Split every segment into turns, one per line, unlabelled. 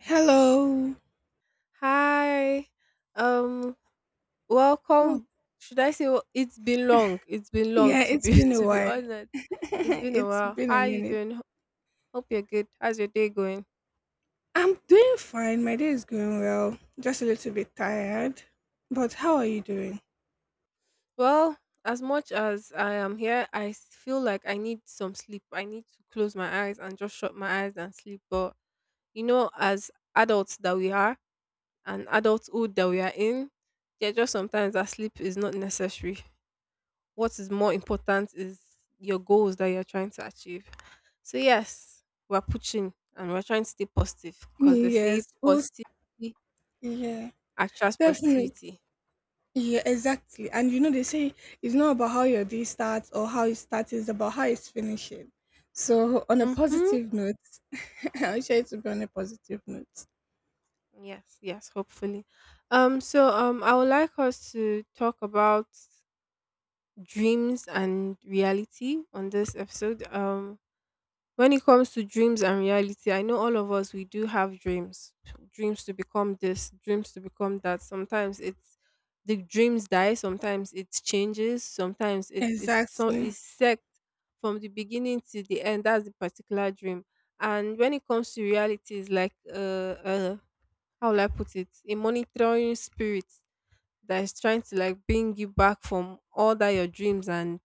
Hello.
Hi. Um,
Well,
Welcome. Should I say it's been long? It's been long
yeah,
to
it's
be
been a
to be
while.
honest. It's been a
It's
while.
been
How
a
are you
minute.
doing? Hope you're good. How's your day going?
I'm doing fine. My day is going well. Just a little bit tired. But how are you doing?
Well, as much as I am here, I feel like I need some sleep. I need to close my eyes and just shut my eyes and sleep. But you know, as adults that we are and adulthood that we are in, there are just sometimes that sleep is not necessary. What is more important is your goals that you're trying to achieve. So yes, we're pushing and we're trying to stay positive because they say
Yes. Well,
positivity
yeah.
attracts
Definitely.
positivity.
Yeah, exactly. And you know, they say it's not about how your day starts or how it starts, it's about how it's finishing. So, on a
Mm-hmm.
positive note, I wish it to be on a positive note.
Yes, yes, hopefully. So I would like us to talk about dreams and reality on this episode. Um, when it comes to dreams and reality, I know all of us we do have dreams. Dreams to become this, dreams to become that. Sometimes it's the dreams die, sometimes it changes, sometimes it's so
Exactly.
it's set from the beginning to the end. That's the particular dream. And when it comes to reality, it's like uh how will I put it? A monitoring spirit that is trying to like bring you back from all that your dreams and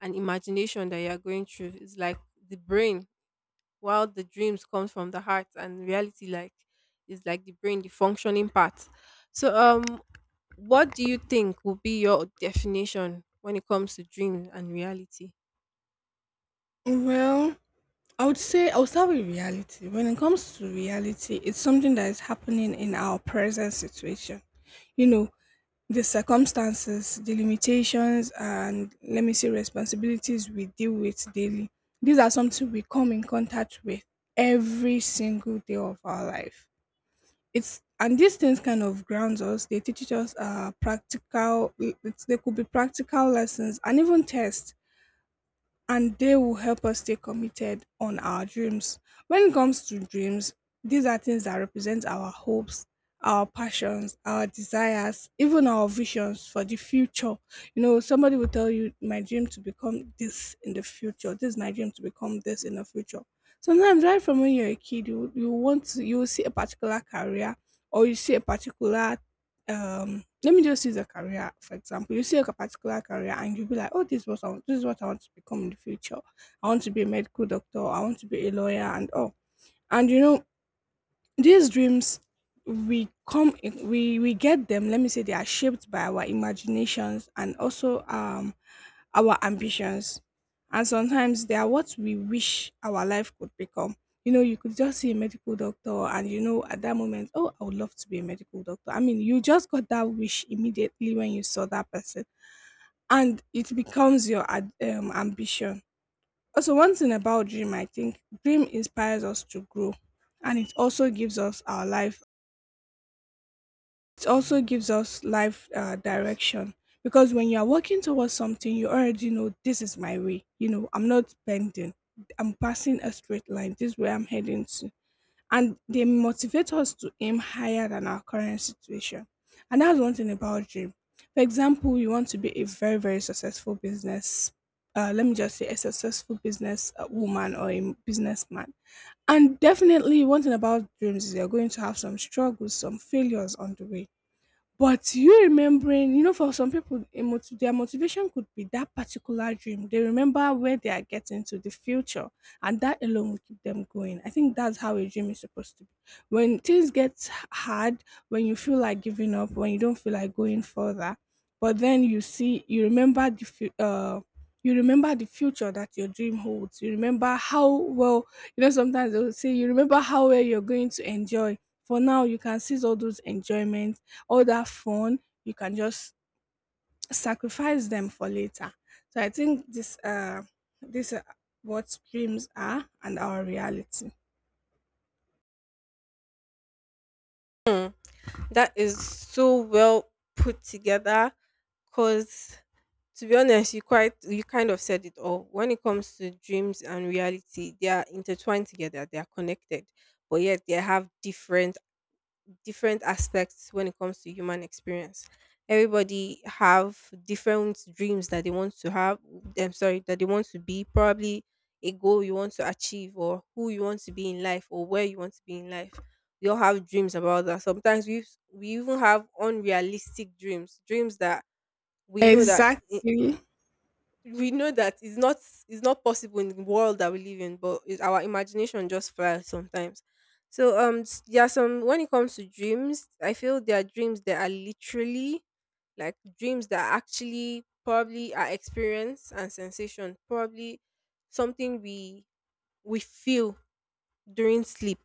imagination that you are going through. It's like the brain, while the dreams comes from the heart and reality like is like the brain, the functioning part. So um, what do you think would be your definition when it comes to dreams and reality?
Well, I would say I'll start with reality. When it comes to reality, it's something that is happening in our present situation. You know, the circumstances, the limitations, and let me say responsibilities we deal with daily. These are something we come in contact with every single day of our life. It's and these things kind of grounds us. They teach us practical. They could be practical lessons and even tests, and they will help us stay committed on our dreams. When it comes to dreams, these are things that represent our hopes, our passions, our desires, even our visions for the future. You know, somebody will tell you, "My dream to become this in the future. This is my dream to become this in the future." Sometimes, right from when you're a kid, you will see a particular career, or you see a particular let me just use a career for example, you see like a particular career, and you'll be like, oh, this is what I want to become in the future. I want to be a medical doctor, I want to be a lawyer, and all. And you know, these dreams, we come in, we get them, let me say they are shaped by our imaginations, and also our ambitions. And sometimes they are what we wish our life could become. You know, you could just see a medical doctor, and you know, at that moment, oh, I would love to be a medical doctor. I mean, you just got that wish immediately when you saw that person, and it becomes your ambition. Also, one thing about dream, I think dream inspires us to grow, and it also gives us our life it also gives us life direction, because when you are working towards something, you already know, this is my way, you know, I'm not bending, I'm passing a straight line, this is where I'm heading to. And they motivate us to aim higher than our current situation, and that's one thing about dream. For example, you want to be a very very successful business let me just say a successful business woman or a businessman. And definitely, one thing about dreams is you're going to have some struggles, some failures on the way, but you remembering, for some people, their motivation could be that particular dream. They remember where they are getting to the future, and that alone will keep them going. I think that's how a dream is supposed to be. When things get hard, when you feel like giving up, when you don't feel like going further, but then you see, you remember the future that your dream holds. You remember how well, sometimes they will say, you remember how well you're going to enjoy. For now, you can seize all those enjoyment, all that fun, you can just sacrifice them for later. So I think this this what dreams are and our reality.
That is so well put together, because to be honest, you kind of said it all. When it comes to dreams and reality, they are intertwined together, they are connected, but yet they have different aspects when it comes to human experience. Everybody have different dreams that they want to have. I'm sorry, that they want to be probably a goal you want to achieve, or who you want to be in life, or where you want to be in life. We all have dreams about that. Sometimes we even have unrealistic dreams, dreams that we know that
Exactly.
we know that it's not, it's not possible in the world that we live in, but it, our imagination just flies sometimes. So um, there are some, when it comes to dreams I feel there are dreams that are literally like dreams that are actually probably are experience and sensation, probably something we feel during sleep.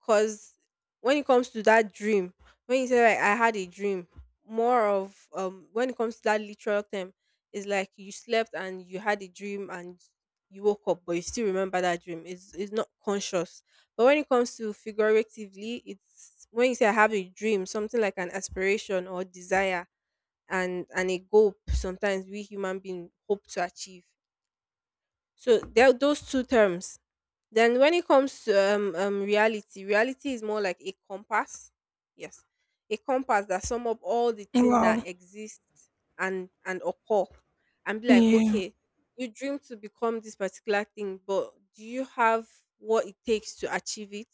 Cause when it comes to that dream, when you say like I had a dream, more of when it comes to that literal term, it's like you slept and you had a dream and you woke up but you still remember that dream. It's not conscious. But when it comes to figuratively, it's when you say I have a dream, something like an aspiration or desire, and a goal sometimes we human being hope to achieve. So there are those two terms. Then when it comes to reality, reality is more like a compass. Yes. A compass that sum up all the things that
Wow.
exist and occur, and be like,
Yeah,
okay, you dream to become this particular thing, but do you have what it takes to achieve it?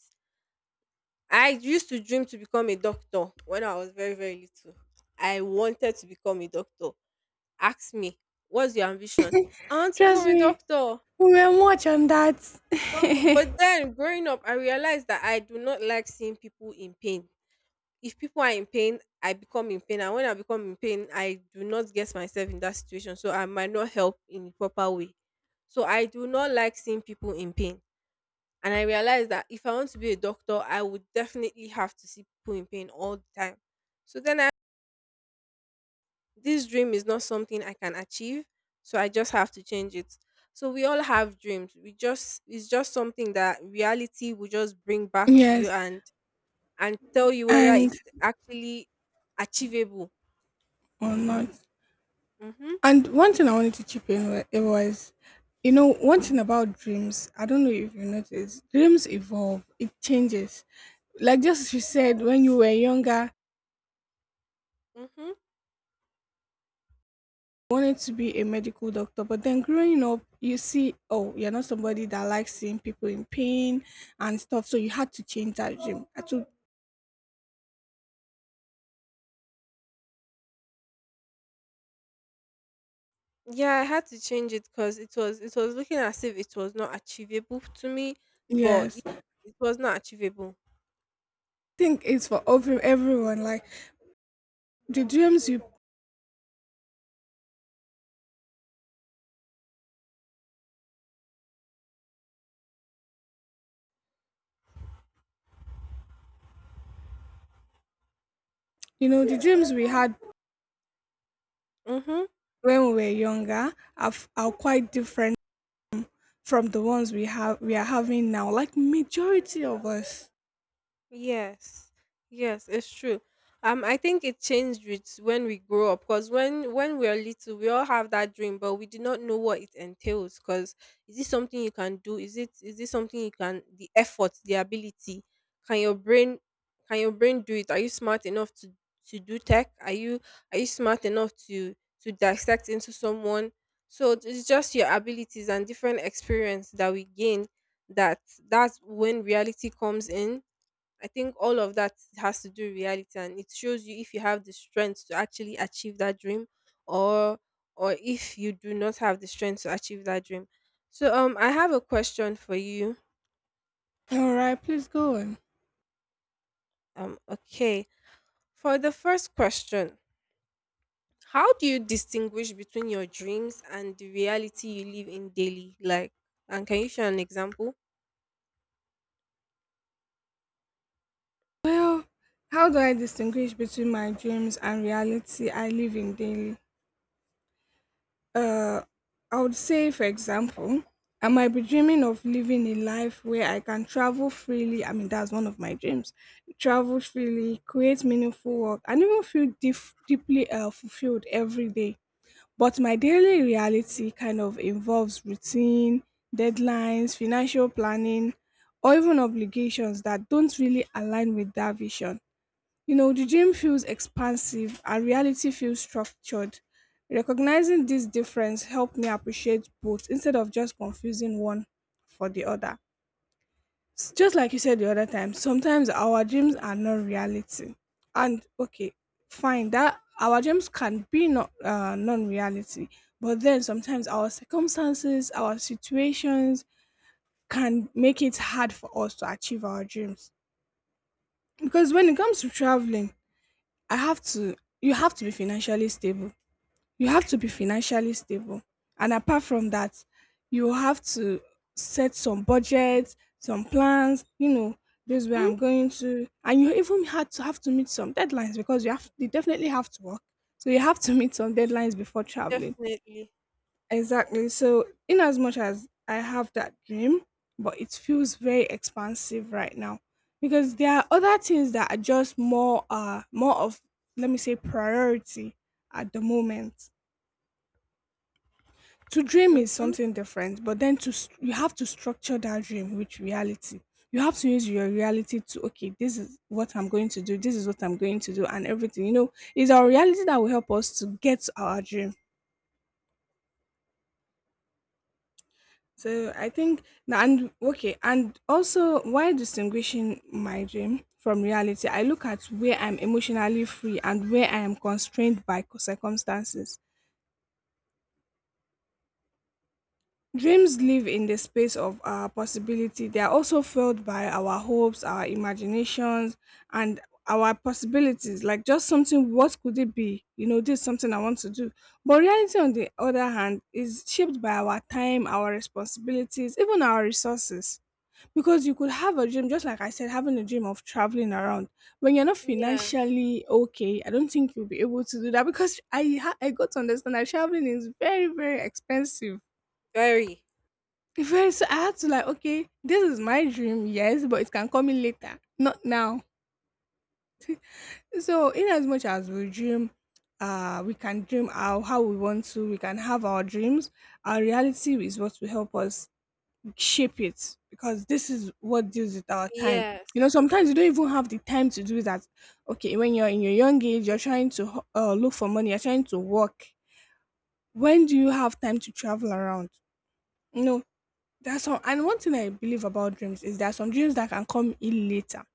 I used to dream to become a doctor when I was very, very little. I wanted to become a doctor. Ask me, what's your ambition? I want to
trust
become a
me,
doctor.
we were much on that.
But then growing up, I realized that I do not like seeing people in pain. If people are in pain, I become in pain. And when I become in pain, I do not get myself in that situation. So I might not help in the proper way. So I do not like seeing people in pain. And I realized that if I want to be a doctor, I would definitely have to see people in pain all the time. So then I, this dream is not something I can achieve, so I just have to change it. So we all have dreams. We just, it's just something that reality will just bring back to you,
Yes.
and tell you whether
And
it's actually achievable.
or not.
Mhm.
And one thing I wanted to chip in, it was, one thing about dreams, I don't know if you noticed, dreams evolve, it changes, like just as you said, when you were younger,
Mhm.
wanted to be a medical doctor, but then growing up, you see, oh, you're not somebody that likes seeing people in pain and stuff. So you had to change that dream. I took,
Yeah, I had to change it because it was, it was looking as if it was not achievable to me, but it,
yes. I
it was not achievable.
think it's for everyone. Like the dreams the dreams we had
Mhm.
when we were younger are quite different from the ones we are having now. Like majority of us.
Yes, yes, it's true. I think it changed with when we grow up because when we are little, we all have that dream, but we do not know what it entails. Because is it something you can do? Is it something you can the effort, the ability? Can your brain can your brain do it? Are you smart enough to do tech? Are you smart enough to dissect into someone? So it's just your abilities and different experience that we gain, that that's when reality comes in. I think all of that has to do with reality, and it shows you if you have the strength to actually achieve that dream, or or if you do not have the strength to achieve that dream. So um, I have a question for you.
All right, please go on.
Um, okay. For the first question, how do you distinguish between your dreams and the reality you live in daily? Like, and can you share an example?
Well, how do I distinguish between my dreams and reality I live in daily? Uh, I would say, for example, I might be dreaming of living a life where I can travel freely. I mean, that's one of my dreams. Travel freely, create meaningful work, and even feel deeply fulfilled every day. But my daily reality kind of involves routine, deadlines, financial planning, or even obligations that don't really align with that vision. You know, the dream feels expansive, and reality feels structured. Recognizing this difference helped me appreciate both instead of just confusing one for the other. Just like you said the other time, sometimes our dreams are not reality. And okay, fine, that our dreams can be not non-reality, but then sometimes our circumstances, our situations can make it hard for us to achieve our dreams. Because when it comes to traveling, I have to you have to be financially stable. You have to be financially stable. And apart from that, you have to set some budgets, some plans, this is where
Hmm,
I'm going to. And you even had to have to meet some deadlines because you definitely have to work. So you have to meet some deadlines before traveling.
definitely.
Exactly. So, in as much as I have that dream, but it feels very expansive right now, because there are other things that are just more of, let me say, priority at the moment. To dream is
Mm-hmm.
something different, but then you have to structure that dream with reality. You have to use your reality to okay, this is what I'm going to do, this is what I'm going to do, and everything. You know, it's our reality that will help us to get to our dream. So I think. And okay, and also, while distinguishing my dream from reality, I look at where I'm emotionally free and where I am constrained by circumstances. Dreams live in the space of our possibility. They are also filled by our hopes, our imaginations, and our possibilities. Like just something, what could it be? You know, this is something I want to do. But reality, on the other hand, is shaped by our time, our responsibilities, even our resources, because you could have a dream, just like I said, having a dream of traveling around. When you're not
Yes.
financially okay, I don't think you'll be able to do that, because I got to understand that traveling is very very expensive.
Very.
Very, so I had to, like, okay, this is my dream, yes, but it can come in later, not now. So in as much as we dream, we can dream how we want to, we can have our dreams. Our reality is what will help us shape it, because this is what deals with our time.
Yes.
You know, sometimes you don't even have the time to do that. Okay, when you're in your young age, you're trying to look for money, you're trying to work. When do you have time to travel around? No, that's all. And one thing I believe about dreams is there are some dreams that can come in later.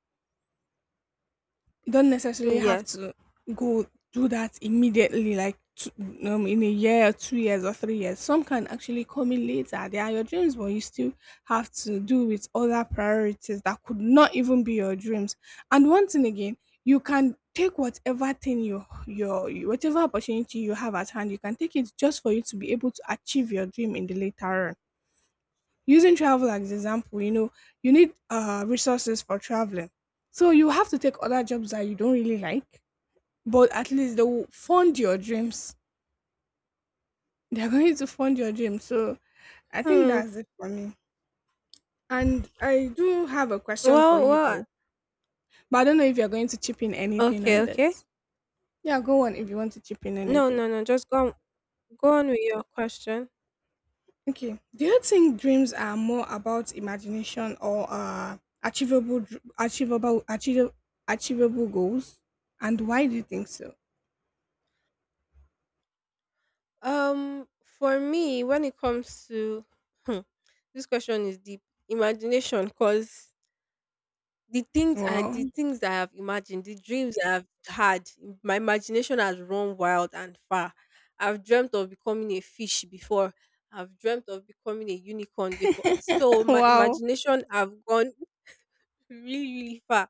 You don't necessarily
Mm,
have
yes.
to go do that immediately, like in a year, 2 years, or 3 years. Some can actually come in later. They are your dreams, but you still have to do with other priorities that could not even be your dreams. And once thing again, you can take whatever thing your whatever opportunity you have at hand, you can take it just for you to be able to achieve your dream in the later run, using travel as example. You need resources for traveling, so you have to take other jobs that you don't really like, but at least they will fund your dreams. They're going to fund your dreams. So I think
Hmm.
that's it for me. And I do have a question for
Well,
you,
well,
though. But I don't know if you're going to chip in anything
okay,
on
okay.
this. Yeah, go on if you want to chip in
No,
anything.
no, no. Just go on, go on with your question.
Okay. Do you think dreams are more about imagination or achievable, dr- achievable, achievable, achievable goals? And why do you think so?
For me, when it comes to, hmm, this question is deep. Imagination, because
Wow.
the things I have imagined, the dreams I have had, my imagination has run wild and far. I've dreamt of becoming a fish before. I've dreamt of becoming a unicorn before. So my
Wow.
imagination have gone really, really far.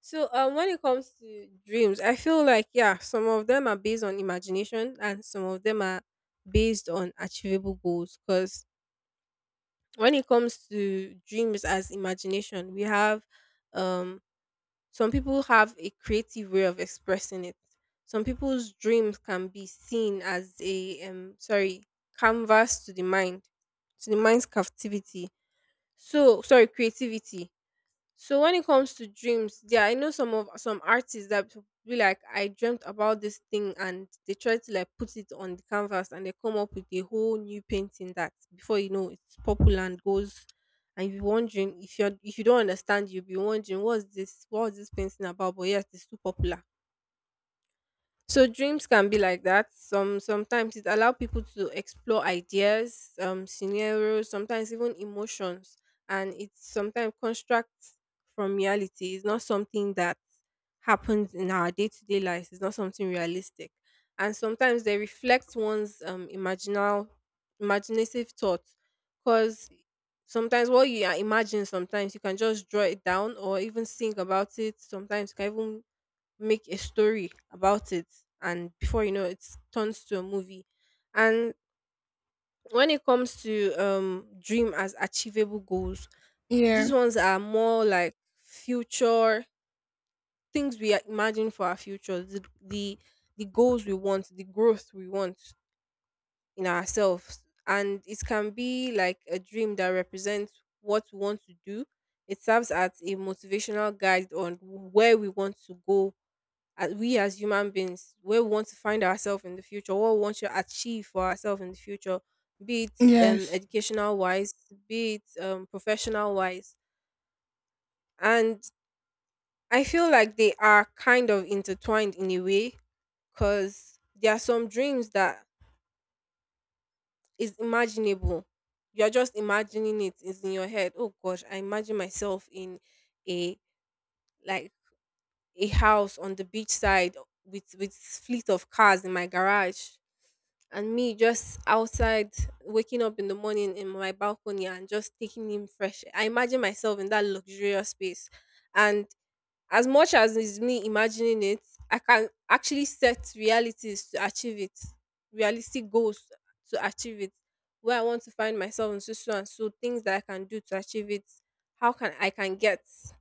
So when it comes to dreams, I feel like yeah, some of them are based on imagination and some of them are based on achievable goals. Because when it comes to dreams as imagination, we have um, some people have a creative way of expressing it. Some people's dreams can be seen as a um, sorry, canvas to the mind, to the mind's captivity. So sorry, creativity. So when it comes to dreams, yeah, I know some artists that be like, I dreamt about this thing, and they try to like put it on the canvas, and they come up with a whole new painting that before you know it's popular and goes. And you're wondering, if you're, if you don't understand, you'll be wondering what's this painting about? But yes, it's too popular. So dreams can be like that. Some sometimes it allow people to explore ideas, scenarios, sometimes even emotions, and it sometimes constructs from reality. It's not something that happens in our day to day lives. It's not something realistic, and sometimes they reflect one's imaginal, imaginative thoughts, because sometimes what imagine, sometimes you can just draw it down or even think about it. Sometimes you can even make a story about it, and before you know it, it turns to a movie. And when it comes to um, dream as achievable goals, these
Yeah.
ones are more like future things we imagine for our future, the goals we want, the growth we want in ourselves. And it can be like a dream that represents what we want to do. It serves as a motivational guide on where we want to go, as we as human beings, where we want to find ourselves in the future, what we want to achieve for ourselves in the future, be it
Yes.
educational wise, be it professional wise. And I feel like they are kind of intertwined in a way, because there are some dreams that is imaginable. You're just imagining it is in your head. Oh gosh, I imagine myself in a, like a house on the beach side, with fleet of cars in my garage, and me just outside waking up in the morning in my balcony and just taking in fresh air. I imagine myself in that luxurious space. And as much as is me imagining it, I can actually set realities to achieve it, realistic goals to achieve it. Where I want to find myself in, so so and so things that I can do to achieve it. How can get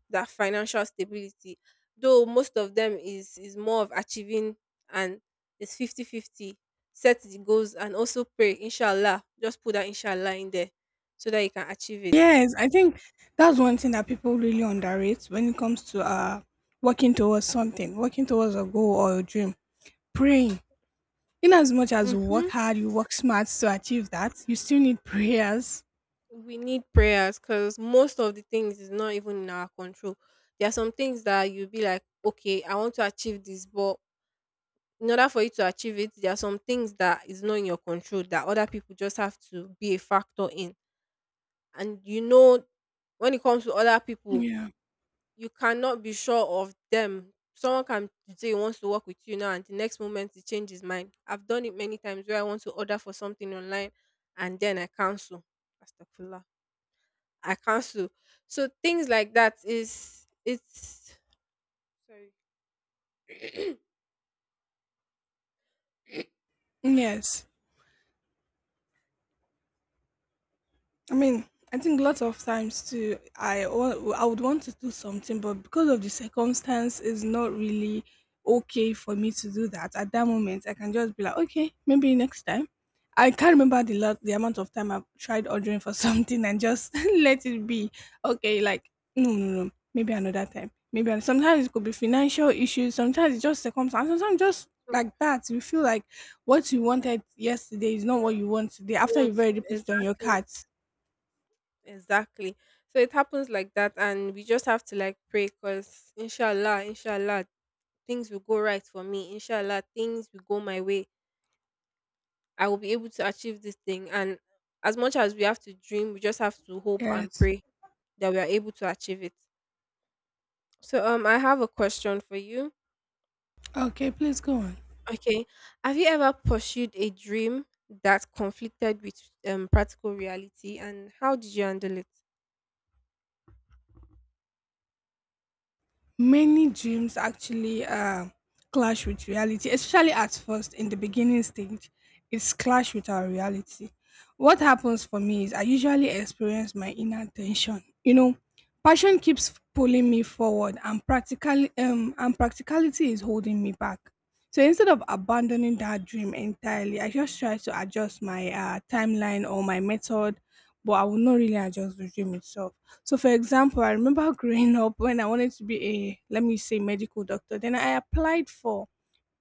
that financial stability? Though most of them is more of achieving, and it's 50/50. Set the goals and also pray, inshallah. Just put that inshallah in there so that you can achieve it.
Yes. I think that's one thing that people really underrate when it comes to working towards something, working towards a goal or a dream. Praying. In as much as you work
Mhm.
hard, you work smart to achieve that, you still need prayers.
We need prayers because most of the things is not even in our control. There are some things that you'll be like, okay, I want to achieve this, but in order for you to achieve it, there are some things that is not in your control that other people just have to be a factor in. And you know, when it comes to other people,
Yeah.
you cannot be sure of them. Someone can say he wants to work with you now, and the next moment he change his mind. I've done it many times where I want to order for something online and then I cancel. Astagfirullah. I cancel. So things like that is it's sorry.
Yes. I mean, I think lots of times too, I would want to do something, but because of the circumstance, it's not really okay for me to do that at that moment. I can just be like, okay, maybe next time. I can't remember the amount of time I've tried ordering for something and just let it be. Okay, like no, no, no, maybe another time. Maybe sometimes it could be financial issues. Sometimes it's just circumstance. Sometimes just
So
like that, you feel like what you wanted yesterday is not what you want today.
you
After you've
want-
already put it on your
Exactly,
cart.
exactly. So it happens like that, and we just have to like pray, cause inshallah, inshallah, things will go right for me. Inshallah, things will go my way. I will be able to achieve this thing, and as much as we have to dream, we just have to hope and
Yes.
pray that we are able to achieve it. So I have a question for you.
Okay, please go on.
Okay. Have you ever pursued a dream that conflicted with practical reality, and how did you handle it?
Many dreams actually clash with reality, especially at first in the beginning stage. It's clash with our reality. What happens for me is I usually experience my inner tension. You know, passion keeps pulling me forward, and practically and practicality is holding me back. So instead of abandoning that dream entirely, I just try to adjust my timeline or my method, but I will not really adjust the dream itself. So, for example, I remember growing up when I wanted to be a, let me say, medical doctor. Then I applied for,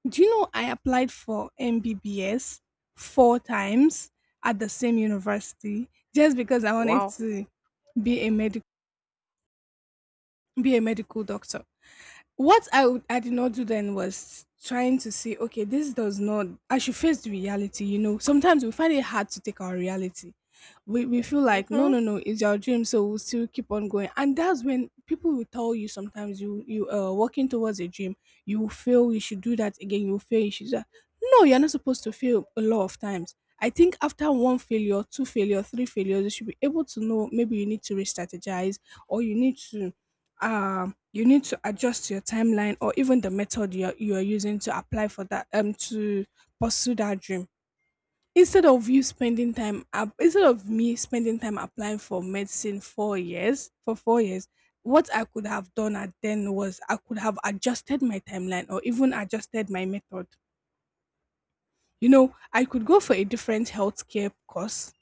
do you know, I applied for MBBS four times at the same university just because I wanted
Wow.
to be a medical be a medical doctor. I did not do then was trying to see, okay, this does not, I should face the reality. You know, sometimes we find it hard to take our reality. We feel like, no,
Mhm.
no, no, it's your dream, so we'll still keep on going. And that's when people will tell you sometimes you are working towards a dream, you will fail, you should do that again, you will fail, you should do that. No, you're not supposed to fail a lot of times. I think after one failure, two failure, three failures, you should be able to know maybe you need to re strategize or you need to adjust your timeline or even the method you're using to apply for that to pursue that dream, instead of me spending time applying for medicine four years for 4 years. What I could have done at then was I could have adjusted my timeline or even adjusted my method. You know, I could go for a different healthcare course.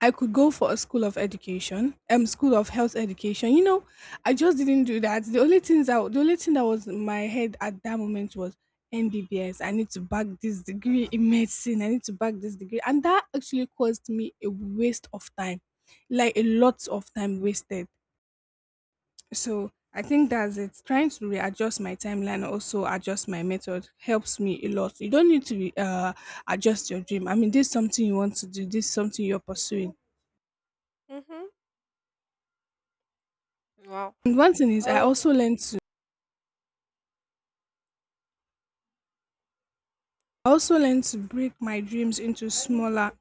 I could go for a school of education, school of health education. You know, I just didn't do that. The only thing that was in my head at that moment was MBBS. I need to back this degree in medicine. I need to back this degree, and that actually caused me a waste of time, like a lot of time wasted. So I think that's it. Trying to readjust my timeline, also adjust my method, helps me a lot. You don't need to adjust your dream. I mean, this is something you want to do. This is something you're pursuing.
Mhm. Wow.
And one thing is I
Oh
also learned to I also learned to break my dreams into smaller,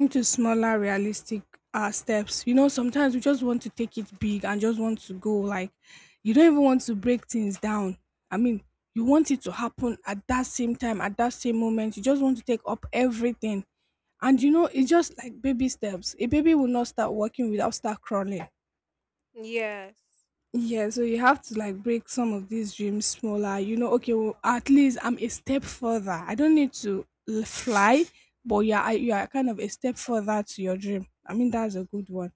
realistic steps. You know, sometimes we just want to take it big and just want to go like you don't even want to break things down. I mean, you want it to happen at that same time, at that same moment. You just want to take up everything. And you know, it's just like baby steps. A baby will not start walking without start crawling.
yes.
Yeah, so you have to like break some of these dreams smaller. You know, okay, well, at least I'm a step further. I don't need to fly, but you are kind of a step further to your dream. I mean, that's a good one.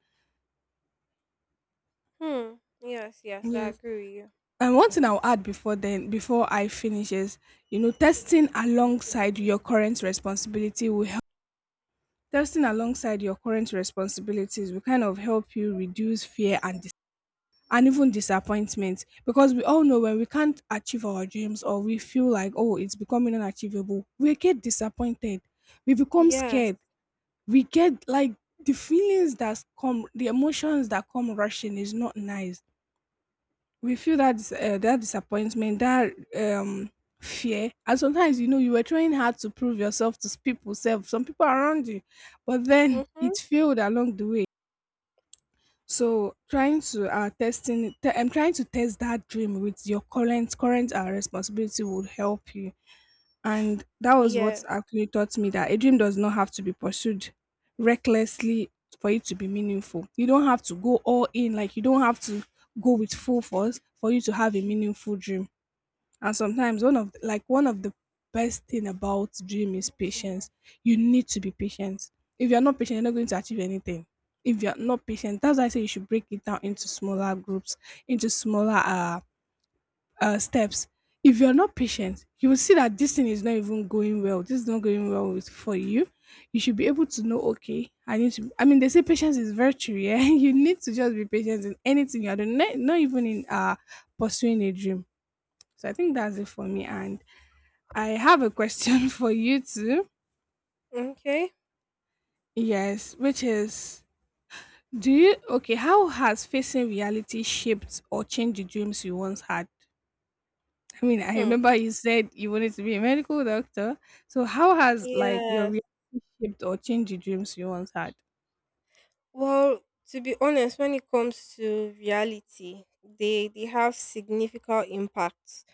Hmm. Yes. Yes. I
Yes.
agree with you.
And one thing I'll add before then, before I finish is, you know, testing alongside your current responsibility will help. Testing alongside your current responsibilities will kind of help you reduce fear and even disappointment, because we all know when we can't achieve our dreams or we feel like oh, it's becoming unachievable, we get disappointed, we become
Yes.
scared, we get like the emotions that come rushing is not nice. We feel that disappointment, that um fear. And sometimes, you know, you were trying hard to prove yourself to s- people self some people around you, but then
Mhm.
it failed along the way. So trying to testing te- I'm trying to test that dream with your current responsibility would help you. And that was what
Yeah.
actually taught me that a dream does not have to be pursued recklessly for it to be meaningful. You don't have to go all in, like you don't have to go with full force for you to have a meaningful dream. And sometimes one of the best thing about dream is patience. You need to be patient. If you're not patient, you're not going to achieve anything. If you're not patient, that's why I say you should break it down into smaller groups, into smaller steps. If you're not patient, you will see that this thing is not even going well. This is not going well for you. You should be able to know, okay, I need to. I mean, they say patience is virtue. Yeah, you need to just be patient in anything you're doing, not even in pursuing a dream. So I think that's it for me. And I have a question for you too.
Okay.
Yes, which is, how has facing reality shaped or changed the dreams you once had? I mean, I
Hmm.
remember you said you wanted to be a medical doctor. So how has like your
Yes.
reality shaped or changed the dreams you once had?
Well, to be honest, when it comes to reality, they have significant impact.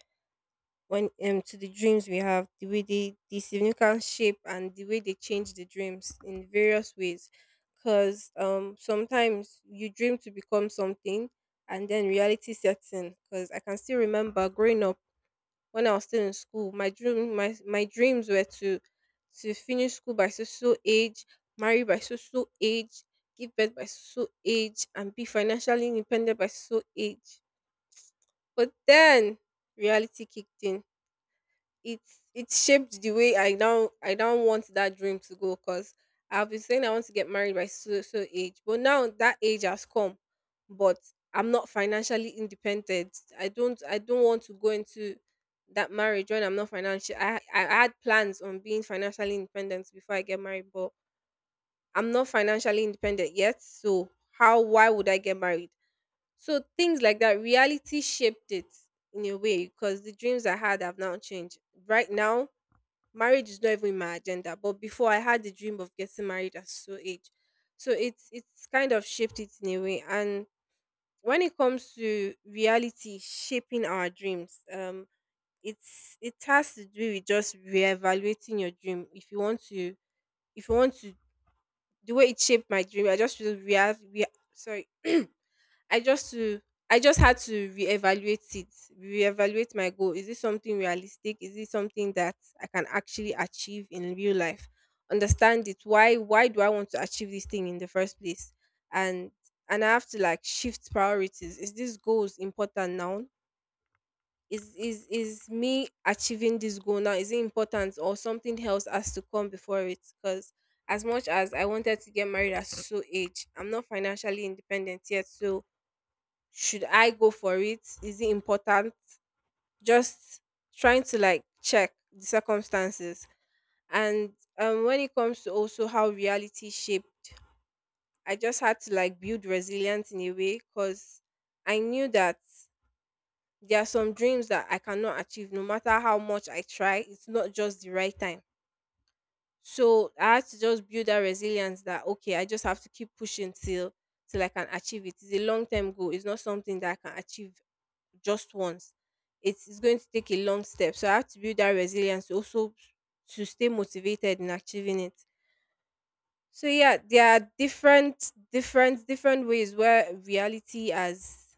When to the dreams we have, the way they the significant shape and the way they change the dreams in various ways, because sometimes you dream to become something, and then reality sets in. Because I can still remember growing up when I was still in school, my dream, my dreams were to finish school by so so age, marry by so so age, give birth by so so age, and be financially independent by so so age. But then reality kicked in. It's shaped the way I now, I now want that dream to go, because I've been saying I want to get married by so so age, but now that age has come, but I'm not financially independent. I don't want to go into that marriage when I'm not financial. I had plans on being financially independent before I get married, but I'm not financially independent yet. So how, why would I get married? So things like that, reality shaped it in a way, because the dreams I had have now changed. Right now, marriage is not even in my agenda, but before I had the dream of getting married at so age. So it's kind of shaped it in a way. And when it comes to reality shaping our dreams, it's, it has to do with just reevaluating your dream. If you want to, if you want to, the way it shaped my dream, I just re re sorry I just to, I just had to reevaluate it, reevaluate my goal. Is this something realistic? Is this something that I can actually achieve in real life? Understand it. Why do I want to achieve this thing in the first place? And and I have to like shift priorities. Is this goals important now? Is me achieving this goal now, is it important, or something else has to come before it? Because as much as I wanted to get married at so age, I'm not financially independent yet. So should I go for it? Is it important? Just trying to like check the circumstances. And when it comes to also how reality shaped, I just had to like build resilience in a way, because I knew that there are some dreams that I cannot achieve no matter how much I try. It's not just the right time. So I had to just build that resilience that okay, I just have to keep pushing till till I can achieve it. It's a long term goal. It's not something that I can achieve just once. It is going to take a long step. So I have to build that resilience to also to stay motivated in achieving it. So yeah, there are different ways where reality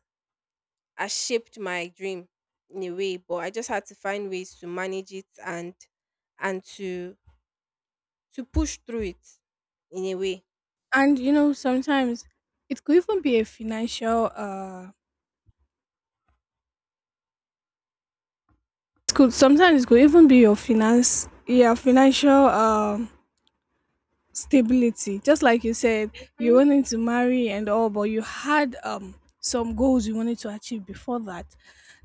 has shaped my dream in a way, but I just had to find ways to manage it, and to push through it in a way.
And you know, sometimes it could even be a financial, it could, sometimes it could even be your finance, yeah, financial stability. Just like you said, you
Mhm.
wanted to marry and all, but you had some goals you wanted to achieve before that.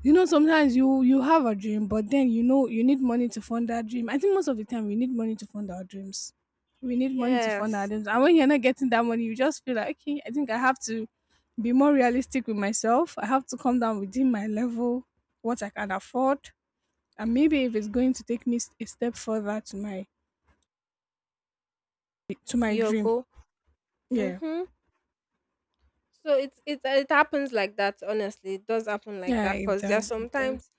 You know, sometimes you have a dream, but then you know you need money to fund that dream. I think most of the time we need money to fund our dreams. We need money to fund our
Yes,
dreams. And when you're not getting that money, you just feel like okay, I think I have to be more realistic with myself. I have to come down within my level, what I can afford, and maybe if it's going to take me a step further to my
to your
dream.
goal.
Yeah.
Mm-hmm. So it happens like that. Honestly, it does happen like
Yeah,
that,
it
because there are
does. It does.
sometimes,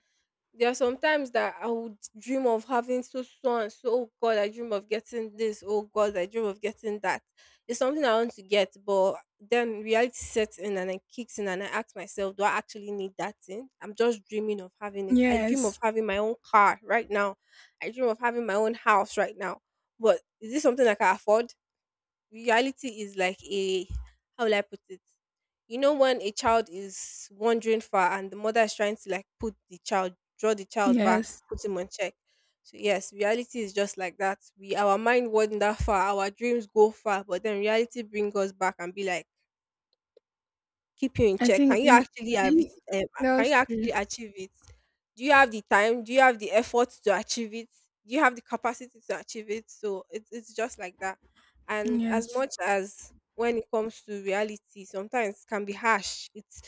there are some times that I would dream of having so so and so. Oh God, I dream of getting this. Oh God, I dream of getting that. It's something I want to get, but then reality sets in and it kicks in, and I ask myself, do I actually need that thing? I'm just dreaming of having it. I dream of
Yes.
having my own car right now. I dream of having my own house right now. But is this something I can afford? Reality is like a, how will I put it? You know when a child is wandering far and the mother is trying to like put the child, draw the child back,
Yes.
put him on check. So yes, reality is just like that. We, our mind wander far, our dreams go far, but then reality brings us back and be like, keep you in
I
check?
think
Can you
it,
actually have it,
that
can
was
you
true.
actually achieve it? Do you have the time? Do you have the effort to achieve it? Do you have the capacity to achieve it? So it's just like that. And as
Yes.
much as when it comes to reality, sometimes it can be harsh. It's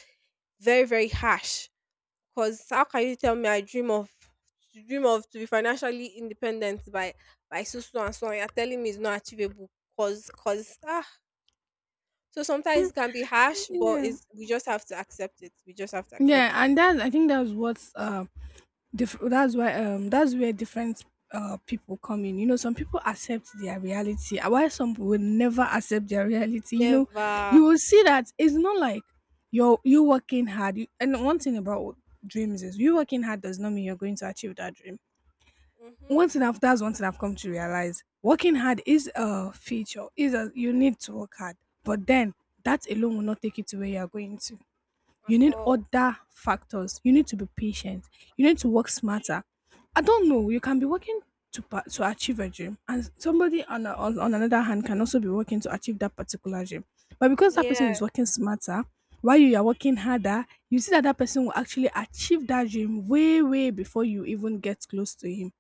very harsh. Cause how can you tell me I dream of, to dream of to be financially independent by so so and so, and you're telling me it's not achievable? Cause so sometimes it can be harsh, but
Yeah.
it's, we just have to accept it. We just have to accept
Yeah,
it.
and that I think that's why that's where different people come in. You know, some people accept their reality, while some will never accept their reality. You know,
Never.
you will see that it's not like you working hard. And one thing about dreams is you working hard does not mean you're going to achieve that dream.
Mm-hmm.
One thing I've That's one thing I've come to realize. Working hard is a feature, is a you need to work hard. But then that alone will not take you to where you are going to.
At
You need
all.
other factors. You need to be patient. You need to work smarter. I don't know. You can be working to to achieve a dream, and somebody on, a, on on another hand can also be working to achieve that particular dream. But because that person is
Yeah.
working smarter, while you are working harder, you see that that person will actually achieve that dream way way before you even get close to him,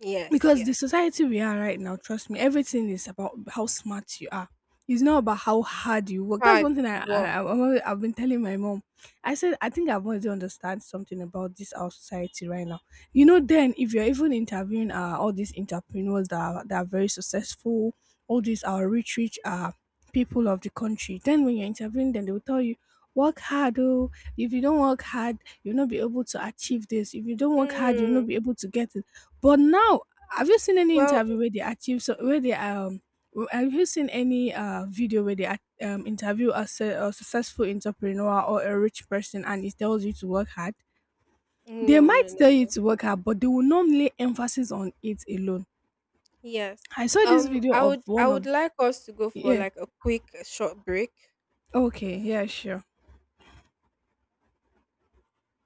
Yes.
because the
Yes.
society we are right now, trust me, everything is about how smart you are. It's not about how hard you work. That's
Hard
one thing i, I
work.
I- I've always- I've been telling my mom. I said, I think I've already understand something about this our society right now. You know, then if you're even interviewing all these entrepreneurs that are very successful, all these our rich people of the country. Then when you're interviewing them, they will tell you, work hard. Oh, if you don't work hard, you'll not be able to achieve this. If you don't work hard, you'll
Mm.
not be able to get it. But now, have you seen any
Well.
interview where they achieve so, where they have you seen any video where they interview a successful entrepreneur or a rich person, and it tells you to work hard? They
No. No.
might
No.
tell you
No.
to work hard, but they will not lay emphasis on it alone.
Yes.
I saw this video
I
of
would. I
one
would
of,
like us to go for
yeah.
like a quick, short break.
Okay, yeah, sure.